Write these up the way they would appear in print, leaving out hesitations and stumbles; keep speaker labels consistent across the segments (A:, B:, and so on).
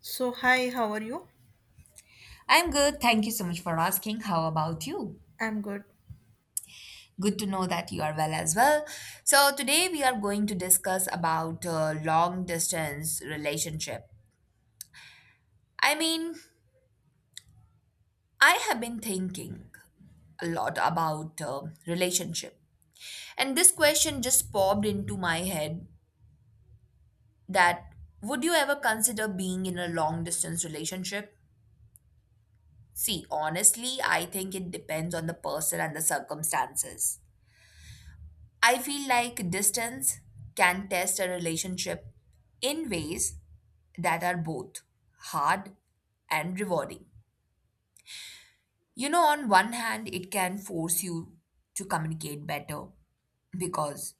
A: So, hi, how are you?
B: I'm good. Thank you so much for asking. How about you?
A: I'm good.
B: Good to know that you are well as well. So, today we are going to discuss about long distance relationship. I mean, I have been thinking a lot about relationship. And this question just popped into my head that would you ever consider being in a long distance relationship? See, honestly, I think it depends on the person and the circumstances. I feel like distance can test a relationship in ways that are both hard and rewarding. You know, on one hand, it can force you to communicate better because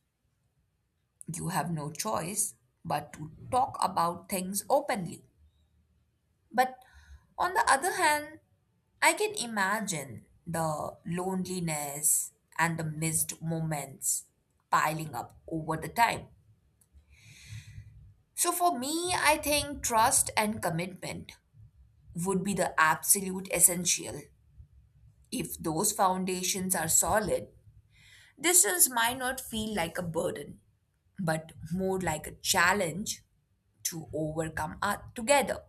B: you have no choice but to talk about things openly. But on the other hand, I can imagine the loneliness and the missed moments piling up over the time. So for me, I think trust and commitment would be the absolute essential. If those foundations are solid, distance might not feel like a burden, but more like a challenge to overcome together.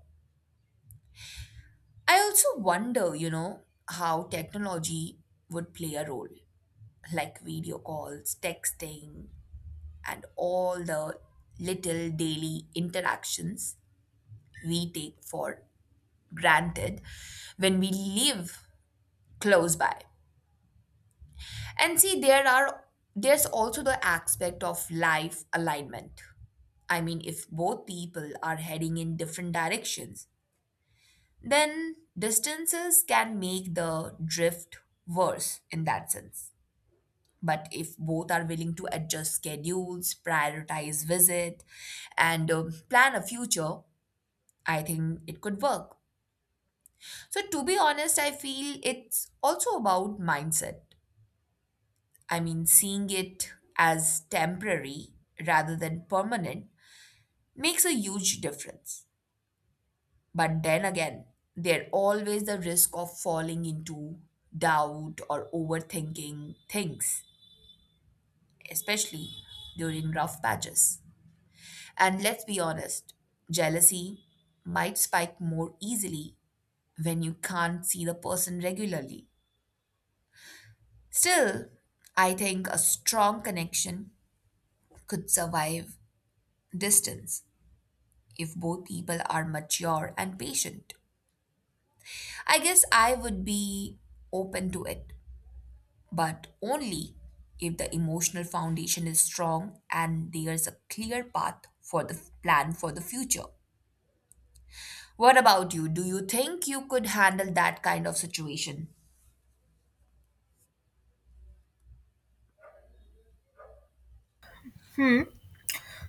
B: I also wonder, you know, how technology would play a role, like video calls, texting, and all the little daily interactions we take for granted when we live close by. And see, there's also the aspect of life alignment. I mean, if both people are heading in different directions, then distances can make the drift worse in that sense. But if both are willing to adjust schedules, prioritize visit, and plan a future, I think it could work. So, to be honest, I feel it's also about mindset. I mean, seeing it as temporary rather than permanent makes a huge difference. But then again, there's always the risk of falling into doubt or overthinking things, especially during rough patches. And let's be honest, jealousy might spike more easily when you can't see the person regularly. Still, I think a strong connection could survive distance if both people are mature and patient. I guess I would be open to it, but only if the emotional foundation is strong and there's a clear path for the plan for the future. What about you? Do you think you could handle that kind of situation?
A: Hmm.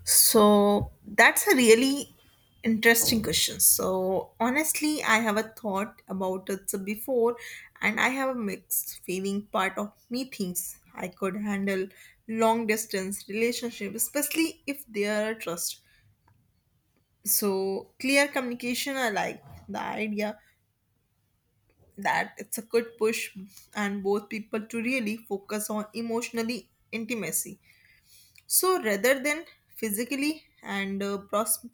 A: So, that's a really interesting question. So, honestly, I have a thought about it so before, and I have a mixed feeling. Part of me thinks I could handle long distance relationships, especially if there are trust. So, clear communication, I like the idea that it's a good push and both people to really focus on emotionally intimacy. So rather than physically and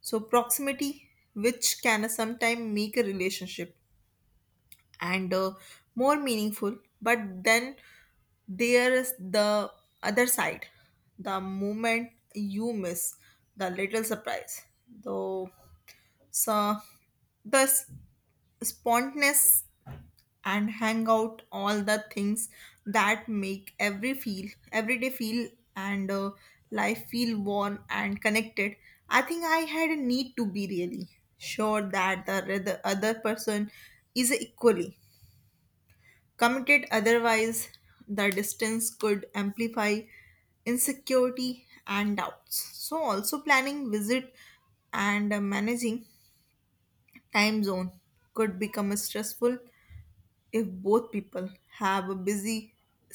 A: so proximity, which can sometimes make a relationship and more meaningful, but then there is the other side, the moment you miss, the little surprise, the so the s- spontaneous and hang out all the things that make every day feel and life feel warm and connected. I think I had a need to be really sure that the other person is equally committed, otherwise the distance could amplify insecurity and doubts. So also planning visit and managing time zone could become stressful if both people have a busy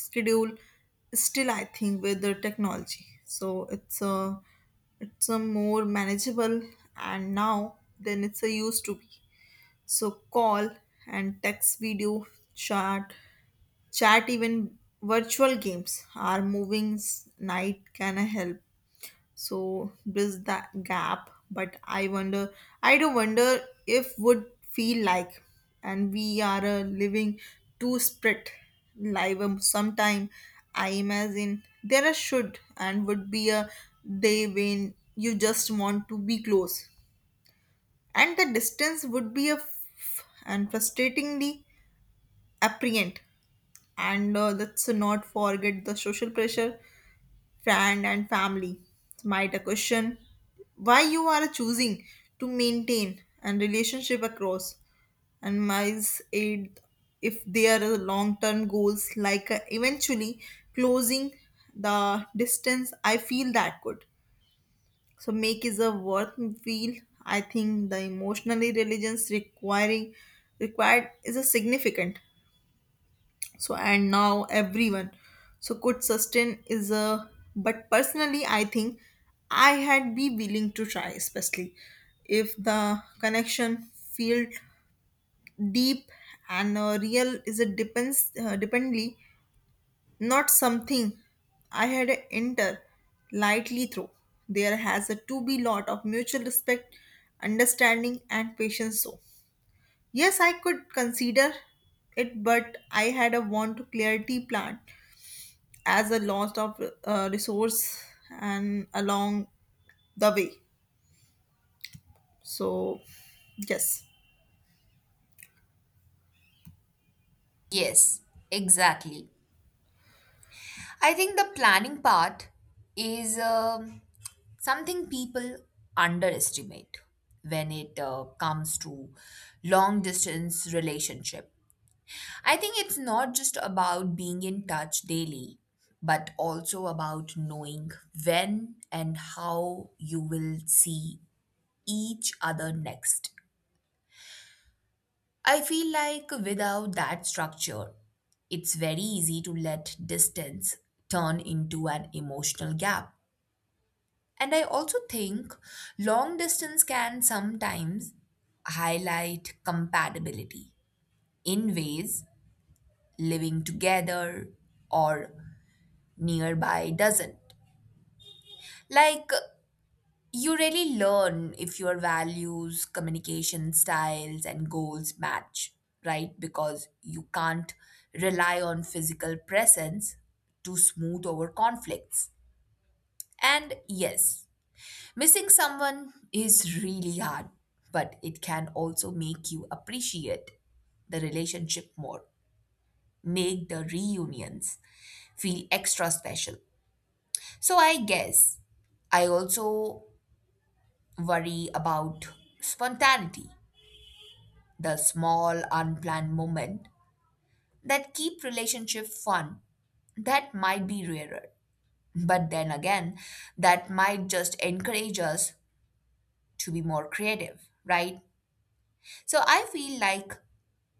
A: schedule. Still, I think with the technology, so it's a more manageable and now than it's a used to be. So call and text, video chat, even virtual games are moving night can help so bridge that gap. But I wonder, I do wonder if would feel like, and we are living too split live, sometime I imagine there are should and would be a day when you just want to be close and the distance would be a and frustratingly apparent. And let's not forget the social pressure, friend and family might a question why you are choosing to maintain and relationship across and miles aid. If their long-term goals like eventually closing the distance, I feel that could so make is a worth feel. I think the emotionally religions requiring required is a significant so and now everyone so could sustain is a. But personally, I think I had be willing to try, especially if the connection feel deep and real is a depends dependly. Not something I had enter lightly through. There has a to be lot of mutual respect, understanding, and patience. So yes, I could consider it, but I had a want to clarity plan as a loss of resource and along the way. So yes.
B: Yes, exactly. I think the planning part is something people underestimate when it comes to long distance relationship. I think it's not just about being in touch daily, but also about knowing when and how you will see each other next. I feel like without that structure, it's very easy to let distance turn into an emotional gap. And I also think long distance can sometimes highlight compatibility in ways living together or nearby doesn't. Like, you really learn if your values, communication styles, and goals match, right? Because you can't rely on physical presence to smooth over conflicts. And yes, missing someone is really hard, but it can also make you appreciate the relationship more, make the reunions feel extra special. So I guess I also worry about spontaneity, the small unplanned moment that keep relationship fun. That might be rarer, but then again, that might just encourage us to be more creative, right? So I feel like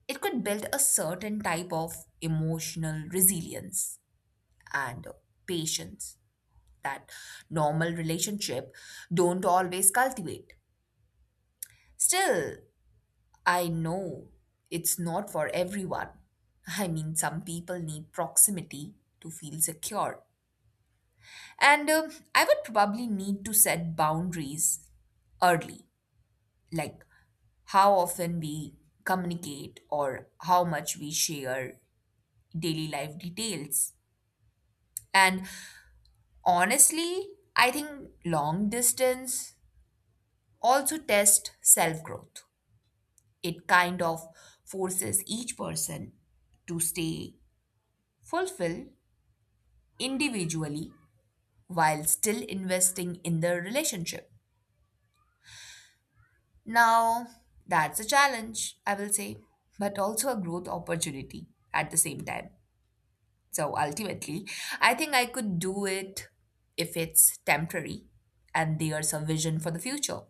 B: it could build a certain type of emotional resilience and patience that normal relationship don't always cultivate. Still, I know it's not for everyone. I mean, some people need proximity to feel secure. And I would probably need to set boundaries early, like how often we communicate or how much we share daily life details. And honestly, I think long distance also tests self growth. It kind of forces each person to stay fulfilled individually while still investing in the relationship. Now, that's a challenge, I will say, but also a growth opportunity at the same time. So ultimately, I think I could do it if it's temporary and there's a vision for the future.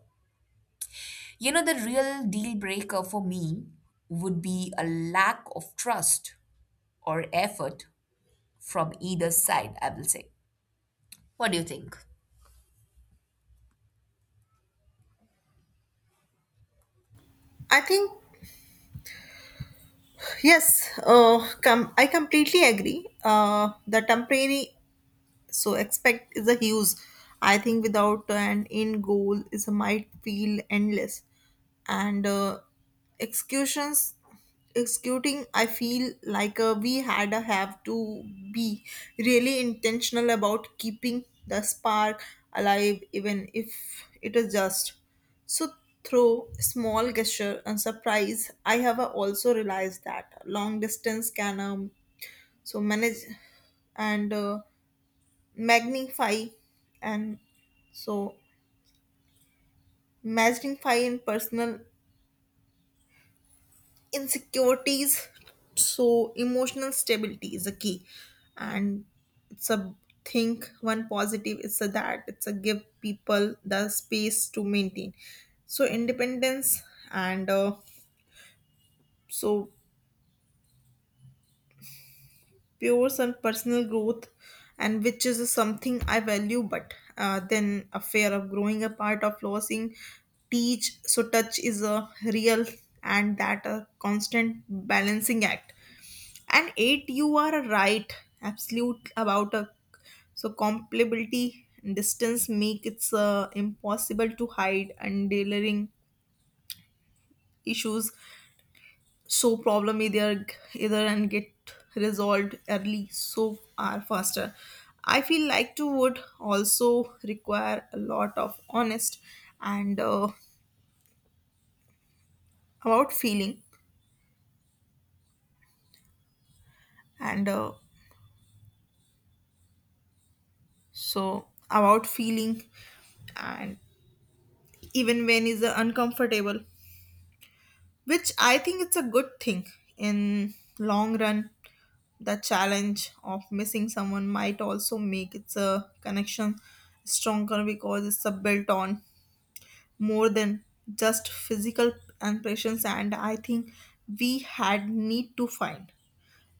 B: You know, the real deal breaker for me would be a lack of trust or effort from either side, I will say. What do you think?
A: I think yes, I completely agree, the temporary. So expect is a huge. I think without an end goal, is might feel endless. And executions, executing, I feel like we had a have to be really intentional about keeping the spark alive, even if it is just. So through small gesture and surprise, I have also realized that long distance can so manage and magnify and so magnify in personal insecurities. So emotional stability is a key. And it's a think one positive it's a that it's a give people the space to maintain so independence and so pures and personal growth, and which is something I value. But then a fear of growing apart of losing teach so touch is a real, and that a constant balancing act. And eight, you are right absolute about a so compatibility, and distance make it impossible to hide and dealing issues. So problem either and get resolved early so are faster. I feel like to would also require a lot of honest and about feeling and so about feeling and even when is uncomfortable, which I think it's a good thing in long run. The challenge of missing someone might also make its a connection stronger because it's a built on more than just physical impressions. And I think we had need to find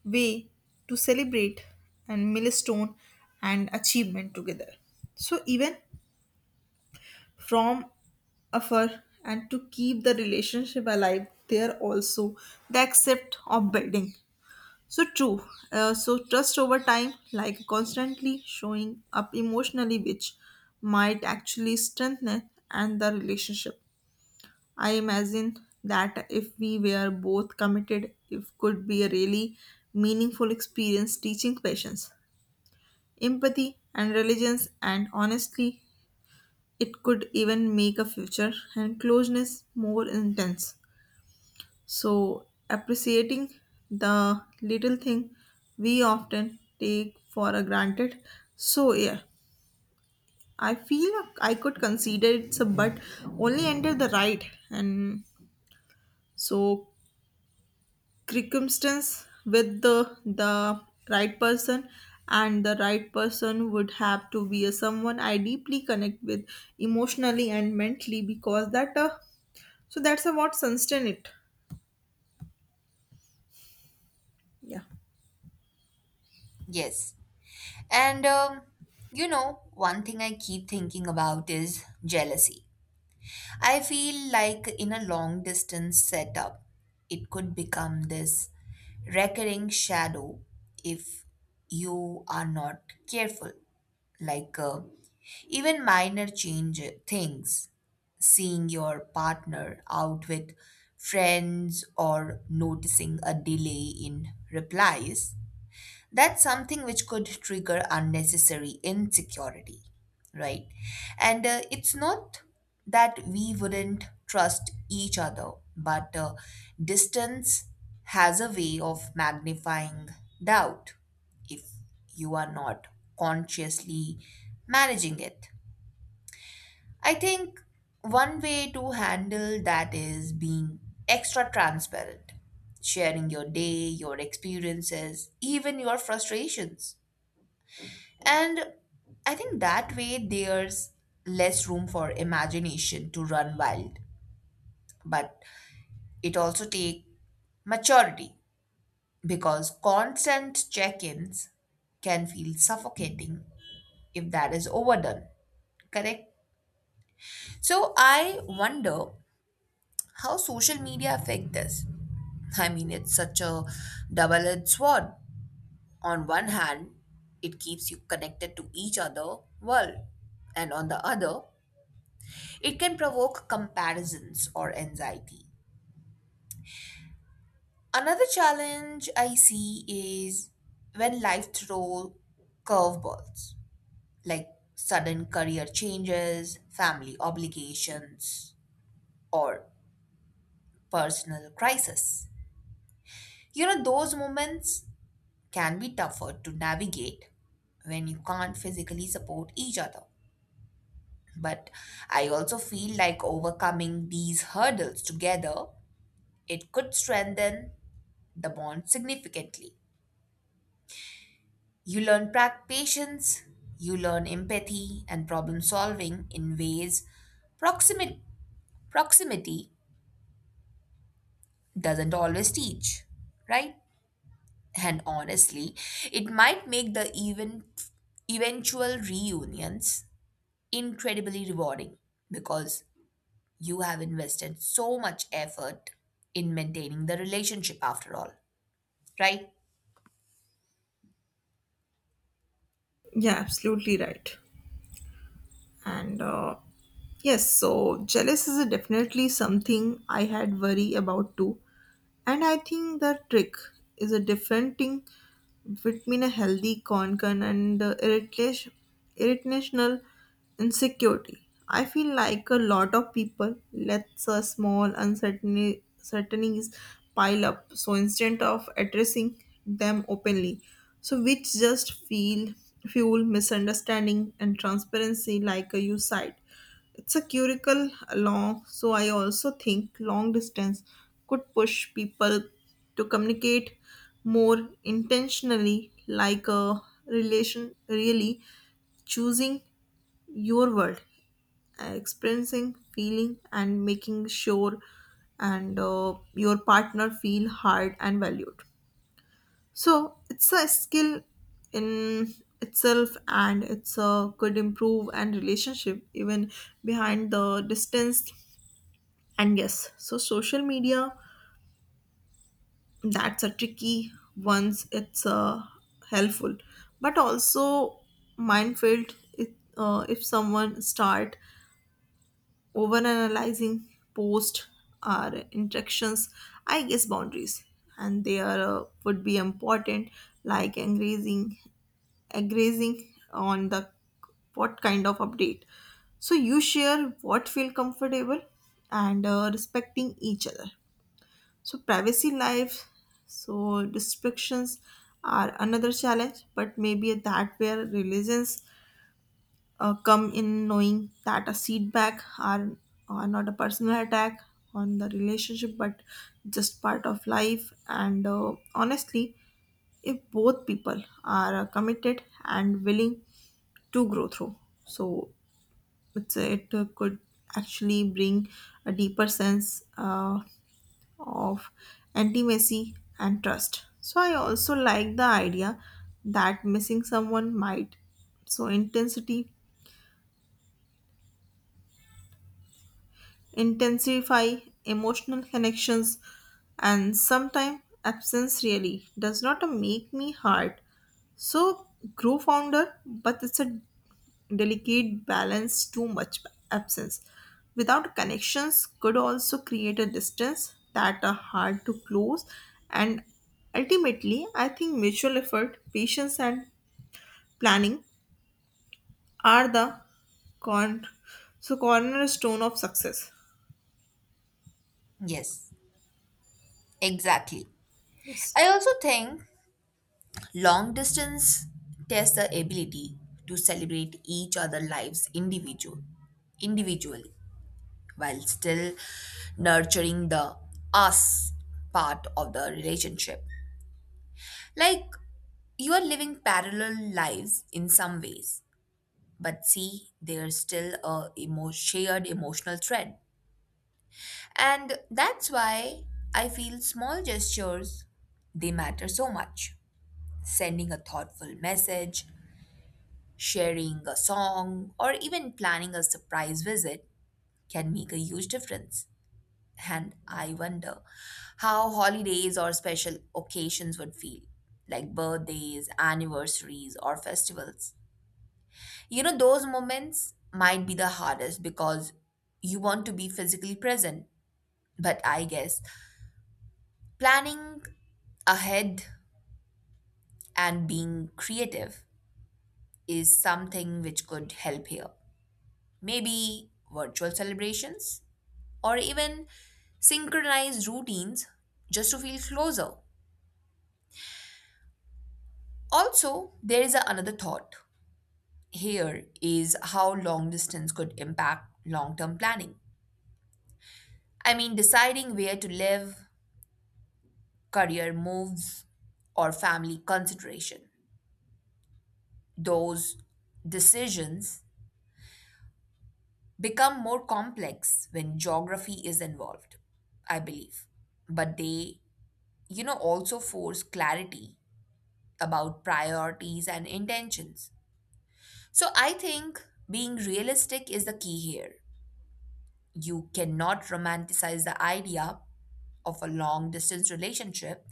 A: way to celebrate and milestone and achievement together so even from afar, and to keep the relationship alive there also the accept of building so true. So trust over time, like constantly showing up emotionally, which might actually strengthen and the relationship. I imagine that if we were both committed, it could be a really meaningful experience teaching patience, empathy, and religions. And honestly, it could even make a future and closeness more intense. So, appreciating the little thing we often take for a granted. So, yeah, I feel like I could consider it's a, but only under the right and so circumstance with the right person. And the right person would have to be a someone I deeply connect with emotionally and mentally, because that so that's a what sustain it. Yeah.
B: Yes. And you know, one thing I keep thinking about is jealousy. I feel like in a long distance setup, it could become this recurring shadow if you are not careful. Like even minor change things, seeing your partner out with friends or noticing a delay in replies, that's something which could trigger unnecessary insecurity, right? And it's not that we wouldn't trust each other, but distance has a way of magnifying doubt if you are not consciously managing it. I think one way to handle that is being extra transparent, sharing your day, your experiences, even your frustrations, and I think that way there's less room for imagination to run wild. But it also takes maturity because constant check ins can feel suffocating if that is overdone. Correct? So I wonder how social media affect this. I mean, it's such a double edged sword. On one hand, it keeps you connected to each other world, and on the other, it can provoke comparisons or anxiety. Another challenge I see is when life throws curveballs like sudden career changes, family obligations, or personal crisis. You know, those moments can be tougher to navigate when you can't physically support each other. But I also feel like overcoming these hurdles together, it could strengthen the bond significantly. You learn patience, you learn empathy and problem solving in ways proximity proximity doesn't always teach, right? And honestly, it might make the eventual reunions incredibly rewarding because you have invested so much effort in maintaining the relationship after all, right?
A: Yeah, absolutely right. And yes, so jealous is definitely something I had worry about too. And I think the trick is a differenting between a healthy concern and the irritational insecurity. I feel like a lot of people let a small uncertainties pile up, so instead of addressing them openly, so which just feel fuel misunderstanding and transparency, like a you side. It's a curricle long. So I also think long distance could push people to communicate more intentionally, like a relation really choosing your word, experiencing, feeling, and making sure and your partner feel heard and valued. So it's a skill in itself, and it's a could improve and relationship even behind the distance. And yes, so social media, that's a tricky once. It's helpful, but also minefield if someone start over analyzing post or interactions. I guess boundaries and they are would be important, like engaging on the what kind of update. So you share what feel comfortable and respecting each other. So privacy life, so restrictions are another challenge, but maybe that where religions come in, knowing that a feedback are not a personal attack on the relationship, but just part of life. And honestly, if both people are committed and willing to grow through, so it could actually bring a deeper sense of intimacy and trust. So I also like the idea that missing someone might so intensity intensify emotional connections, and sometimes absence really does not make me hurt so grow founder. But it's a delicate balance, too much absence without connections could also create a distance that are hard to close. And ultimately, I think mutual effort, patience, and planning are the con- so cornerstone of success.
B: Yes, exactly.
A: Yes.
B: I also think long distance tests the ability to celebrate each other's lives individually while still nurturing the us part of the relationship. Like, you are living parallel lives in some ways, but see, there's still a shared emotional thread. And that's why I feel small gestures they matter so much. Sending a thoughtful message, sharing a song, or even planning a surprise visit can make a huge difference. And I wonder how holidays or special occasions would feel, like birthdays, anniversaries, or festivals. You know, those moments might be the hardest because you want to be physically present. But I guess planning ahead and being creative is something which could help here. Maybe virtual celebrations or even synchronized routines just to feel closer. Also, there is another thought here is how long distance could impact long term planning. I mean, deciding where to live, career moves, or family consideration. Those decisions become more complex when geography is involved, I believe. But they, you know, also force clarity about priorities and intentions. So I think being realistic is the key here. You cannot romanticize the idea of a long distance relationship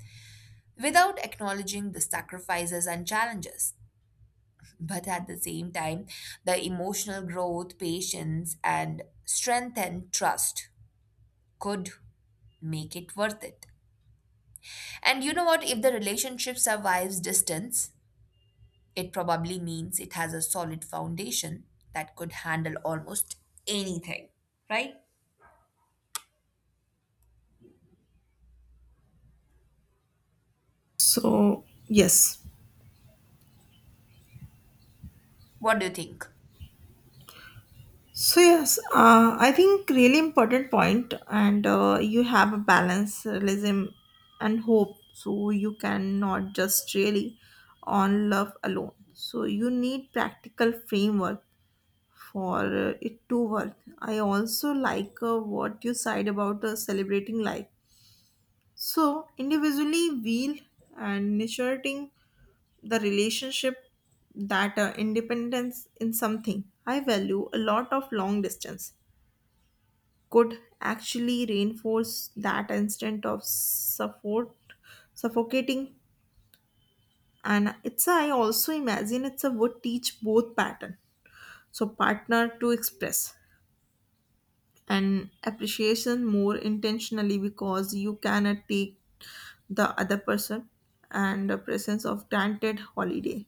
B: without acknowledging the sacrifices and challenges. But at the same time, the emotional growth, patience, and strength and trust could make it worth it. And you know what? If the relationship survives distance, it probably means it has a solid foundation that could handle almost anything, right?
A: So yes.
B: What do you think?
A: So yes, I think really important point, and you have a balance, realism, and hope. So you cannot just really on love alone. So you need practical framework for it to work. I also like what you said about celebrating life. So individually, wheel and nurturing the relationship, that independence in something I value a lot of long distance could actually reinforce that instinct of suffocating. And it's I also imagine it's a would teach both pattern so partner to express and appreciation more intentionally, because you cannot take the other person and the presence of granted. Holiday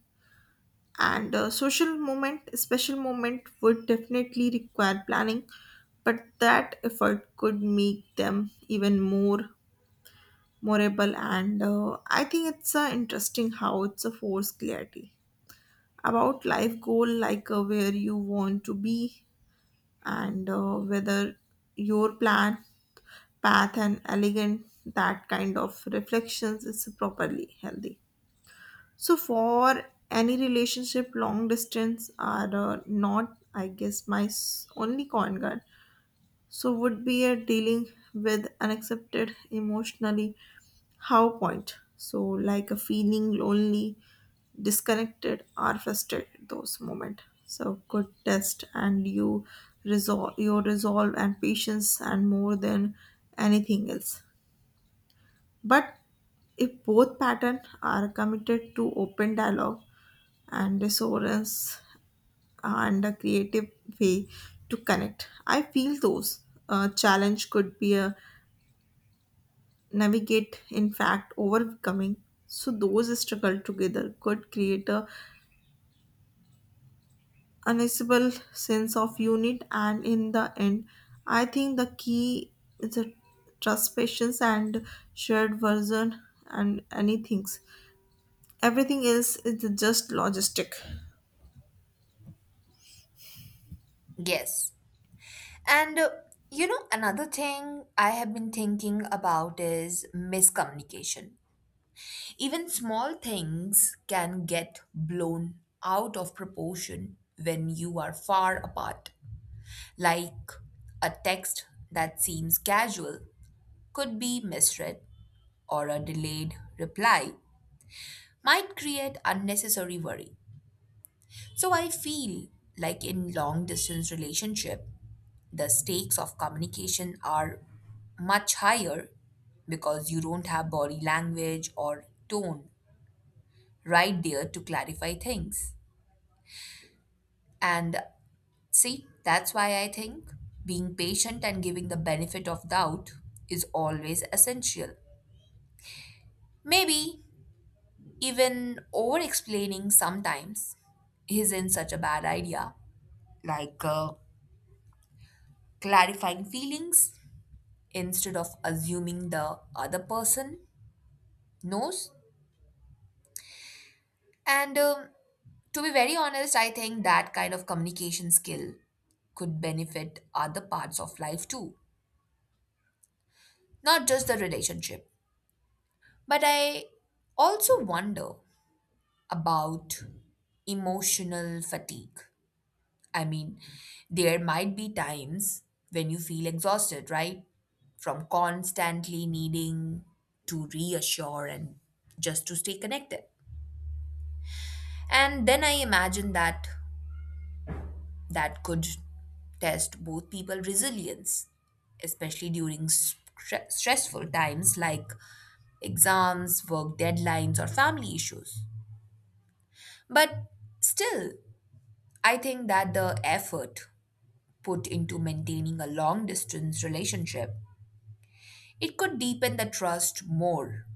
A: and a social moment, special moment would definitely require planning, but that effort could make them even more memorable. And I think it's interesting how it's a force clarity about life goal, like where you want to be and whether your plan path and elegant. That kind of reflections is properly healthy so for any relationship long distance are not. I guess my only con guard so would be a dealing with unaccepted emotionally how point, so like a feeling lonely, disconnected or frustrated. Those moment so good test and you resolve your resolve and patience and more than anything else. But if both pattern are committed to open dialogue and resonance and a creative way to connect, I feel those challenge could be a navigate, in fact, overcoming. So, those struggle together could create a unassailable sense of unit, and in the end, I think the key is a trust, patience, and shared version, and anything. Everything else is just logistic.
B: Yes. And you know, another thing I have been thinking about is miscommunication. Even small things can get blown out of proportion when you are far apart. Like a text that seems casual could be misread, or a delayed reply might create unnecessary worry. So I feel like in long distance relationship, the stakes of communication are much higher because you don't have body language or tone right there to clarify things. And see, that's why I think being patient and giving the benefit of doubt is always essential. Maybe even over explaining sometimes isn't such a bad idea, like clarifying feelings instead of assuming the other person knows. And to be very honest, I think that kind of communication skill could benefit other parts of life too, not just the relationship. But I also wonder about emotional fatigue. I mean, there might be times when you feel exhausted, right? From constantly needing to reassure and just to stay connected. And then I imagine that that could test both people resilience, especially during stressful times like exams, work deadlines, or family issues. But still, I think that the effort put into maintaining a long distance relationship, it could deepen the trust more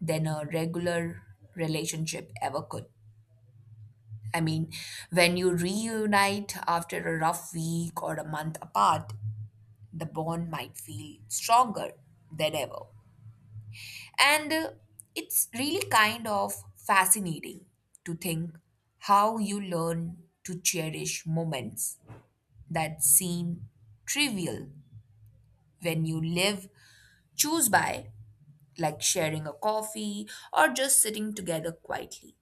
B: than a regular relationship ever could. I mean, when you reunite after a rough week or a month apart, the bond might feel stronger than ever. And it's really kind of fascinating to think how you learn to cherish moments that seem trivial when you live, choose by, like sharing a coffee or just sitting together quietly.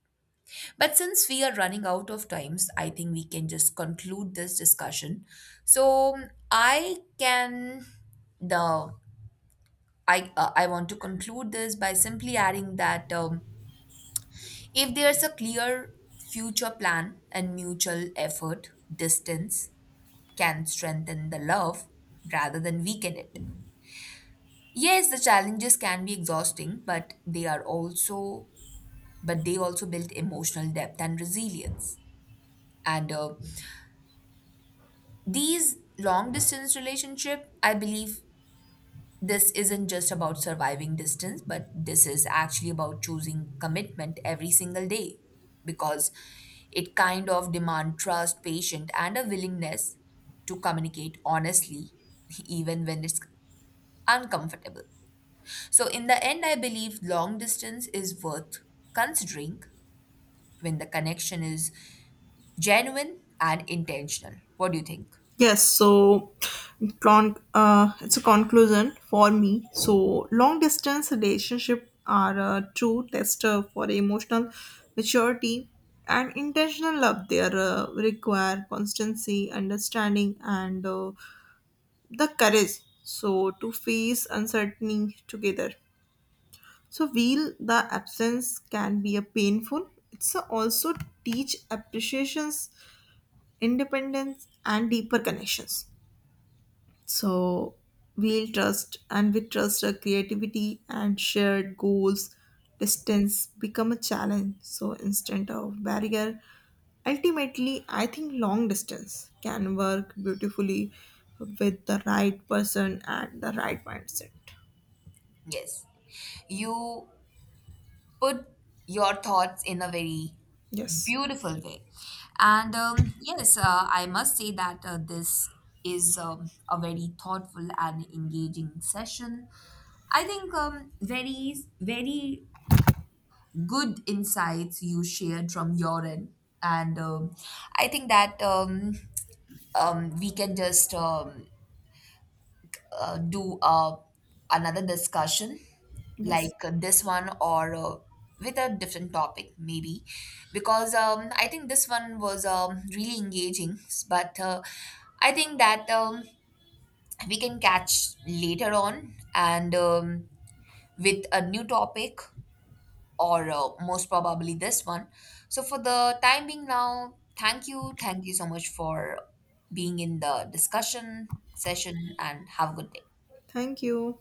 B: But since we are running out of times, I think we can just conclude this discussion. So I can the I want to conclude this by simply adding that if there's a clear future plan and mutual effort, distance can strengthen the love rather than weaken it. Yes, the challenges can be exhausting, but they also build emotional depth and resilience. And these long distance relationship, I believe, this isn't just about surviving distance, but this is actually about choosing commitment every single day because it kind of demand trust, patience, and a willingness to communicate honestly, even when it's uncomfortable. So, in the end, I believe long distance is worth considering when the connection is genuine and intentional. What do you think?
A: Yes, so it's a conclusion for me. So long distance relationship are a true tester for emotional maturity and intentional love. They are, require constancy, understanding, and the courage. So to face uncertainty together. So while the absence can be a painful, it's a also teach appreciations, independence, and deeper connections. So we'll trust and we trust our creativity and shared goals, distance become a challenge. So instead of barrier, ultimately I think long distance can work beautifully with the right person and the right mindset.
B: Yes, you put your thoughts in a very
A: Yes.
B: beautiful day. And yes, I must say that this is a very thoughtful and engaging session. I think very good insights you shared from your end. And I think that we can just do another discussion like
A: Yes.
B: this one, or with a different topic maybe, because I think this one was really engaging. But I think that we can catch later on. And with a new topic or most probably this one. So for the time being now, thank you, so much for being in the discussion session and have a good day.
A: Thank you.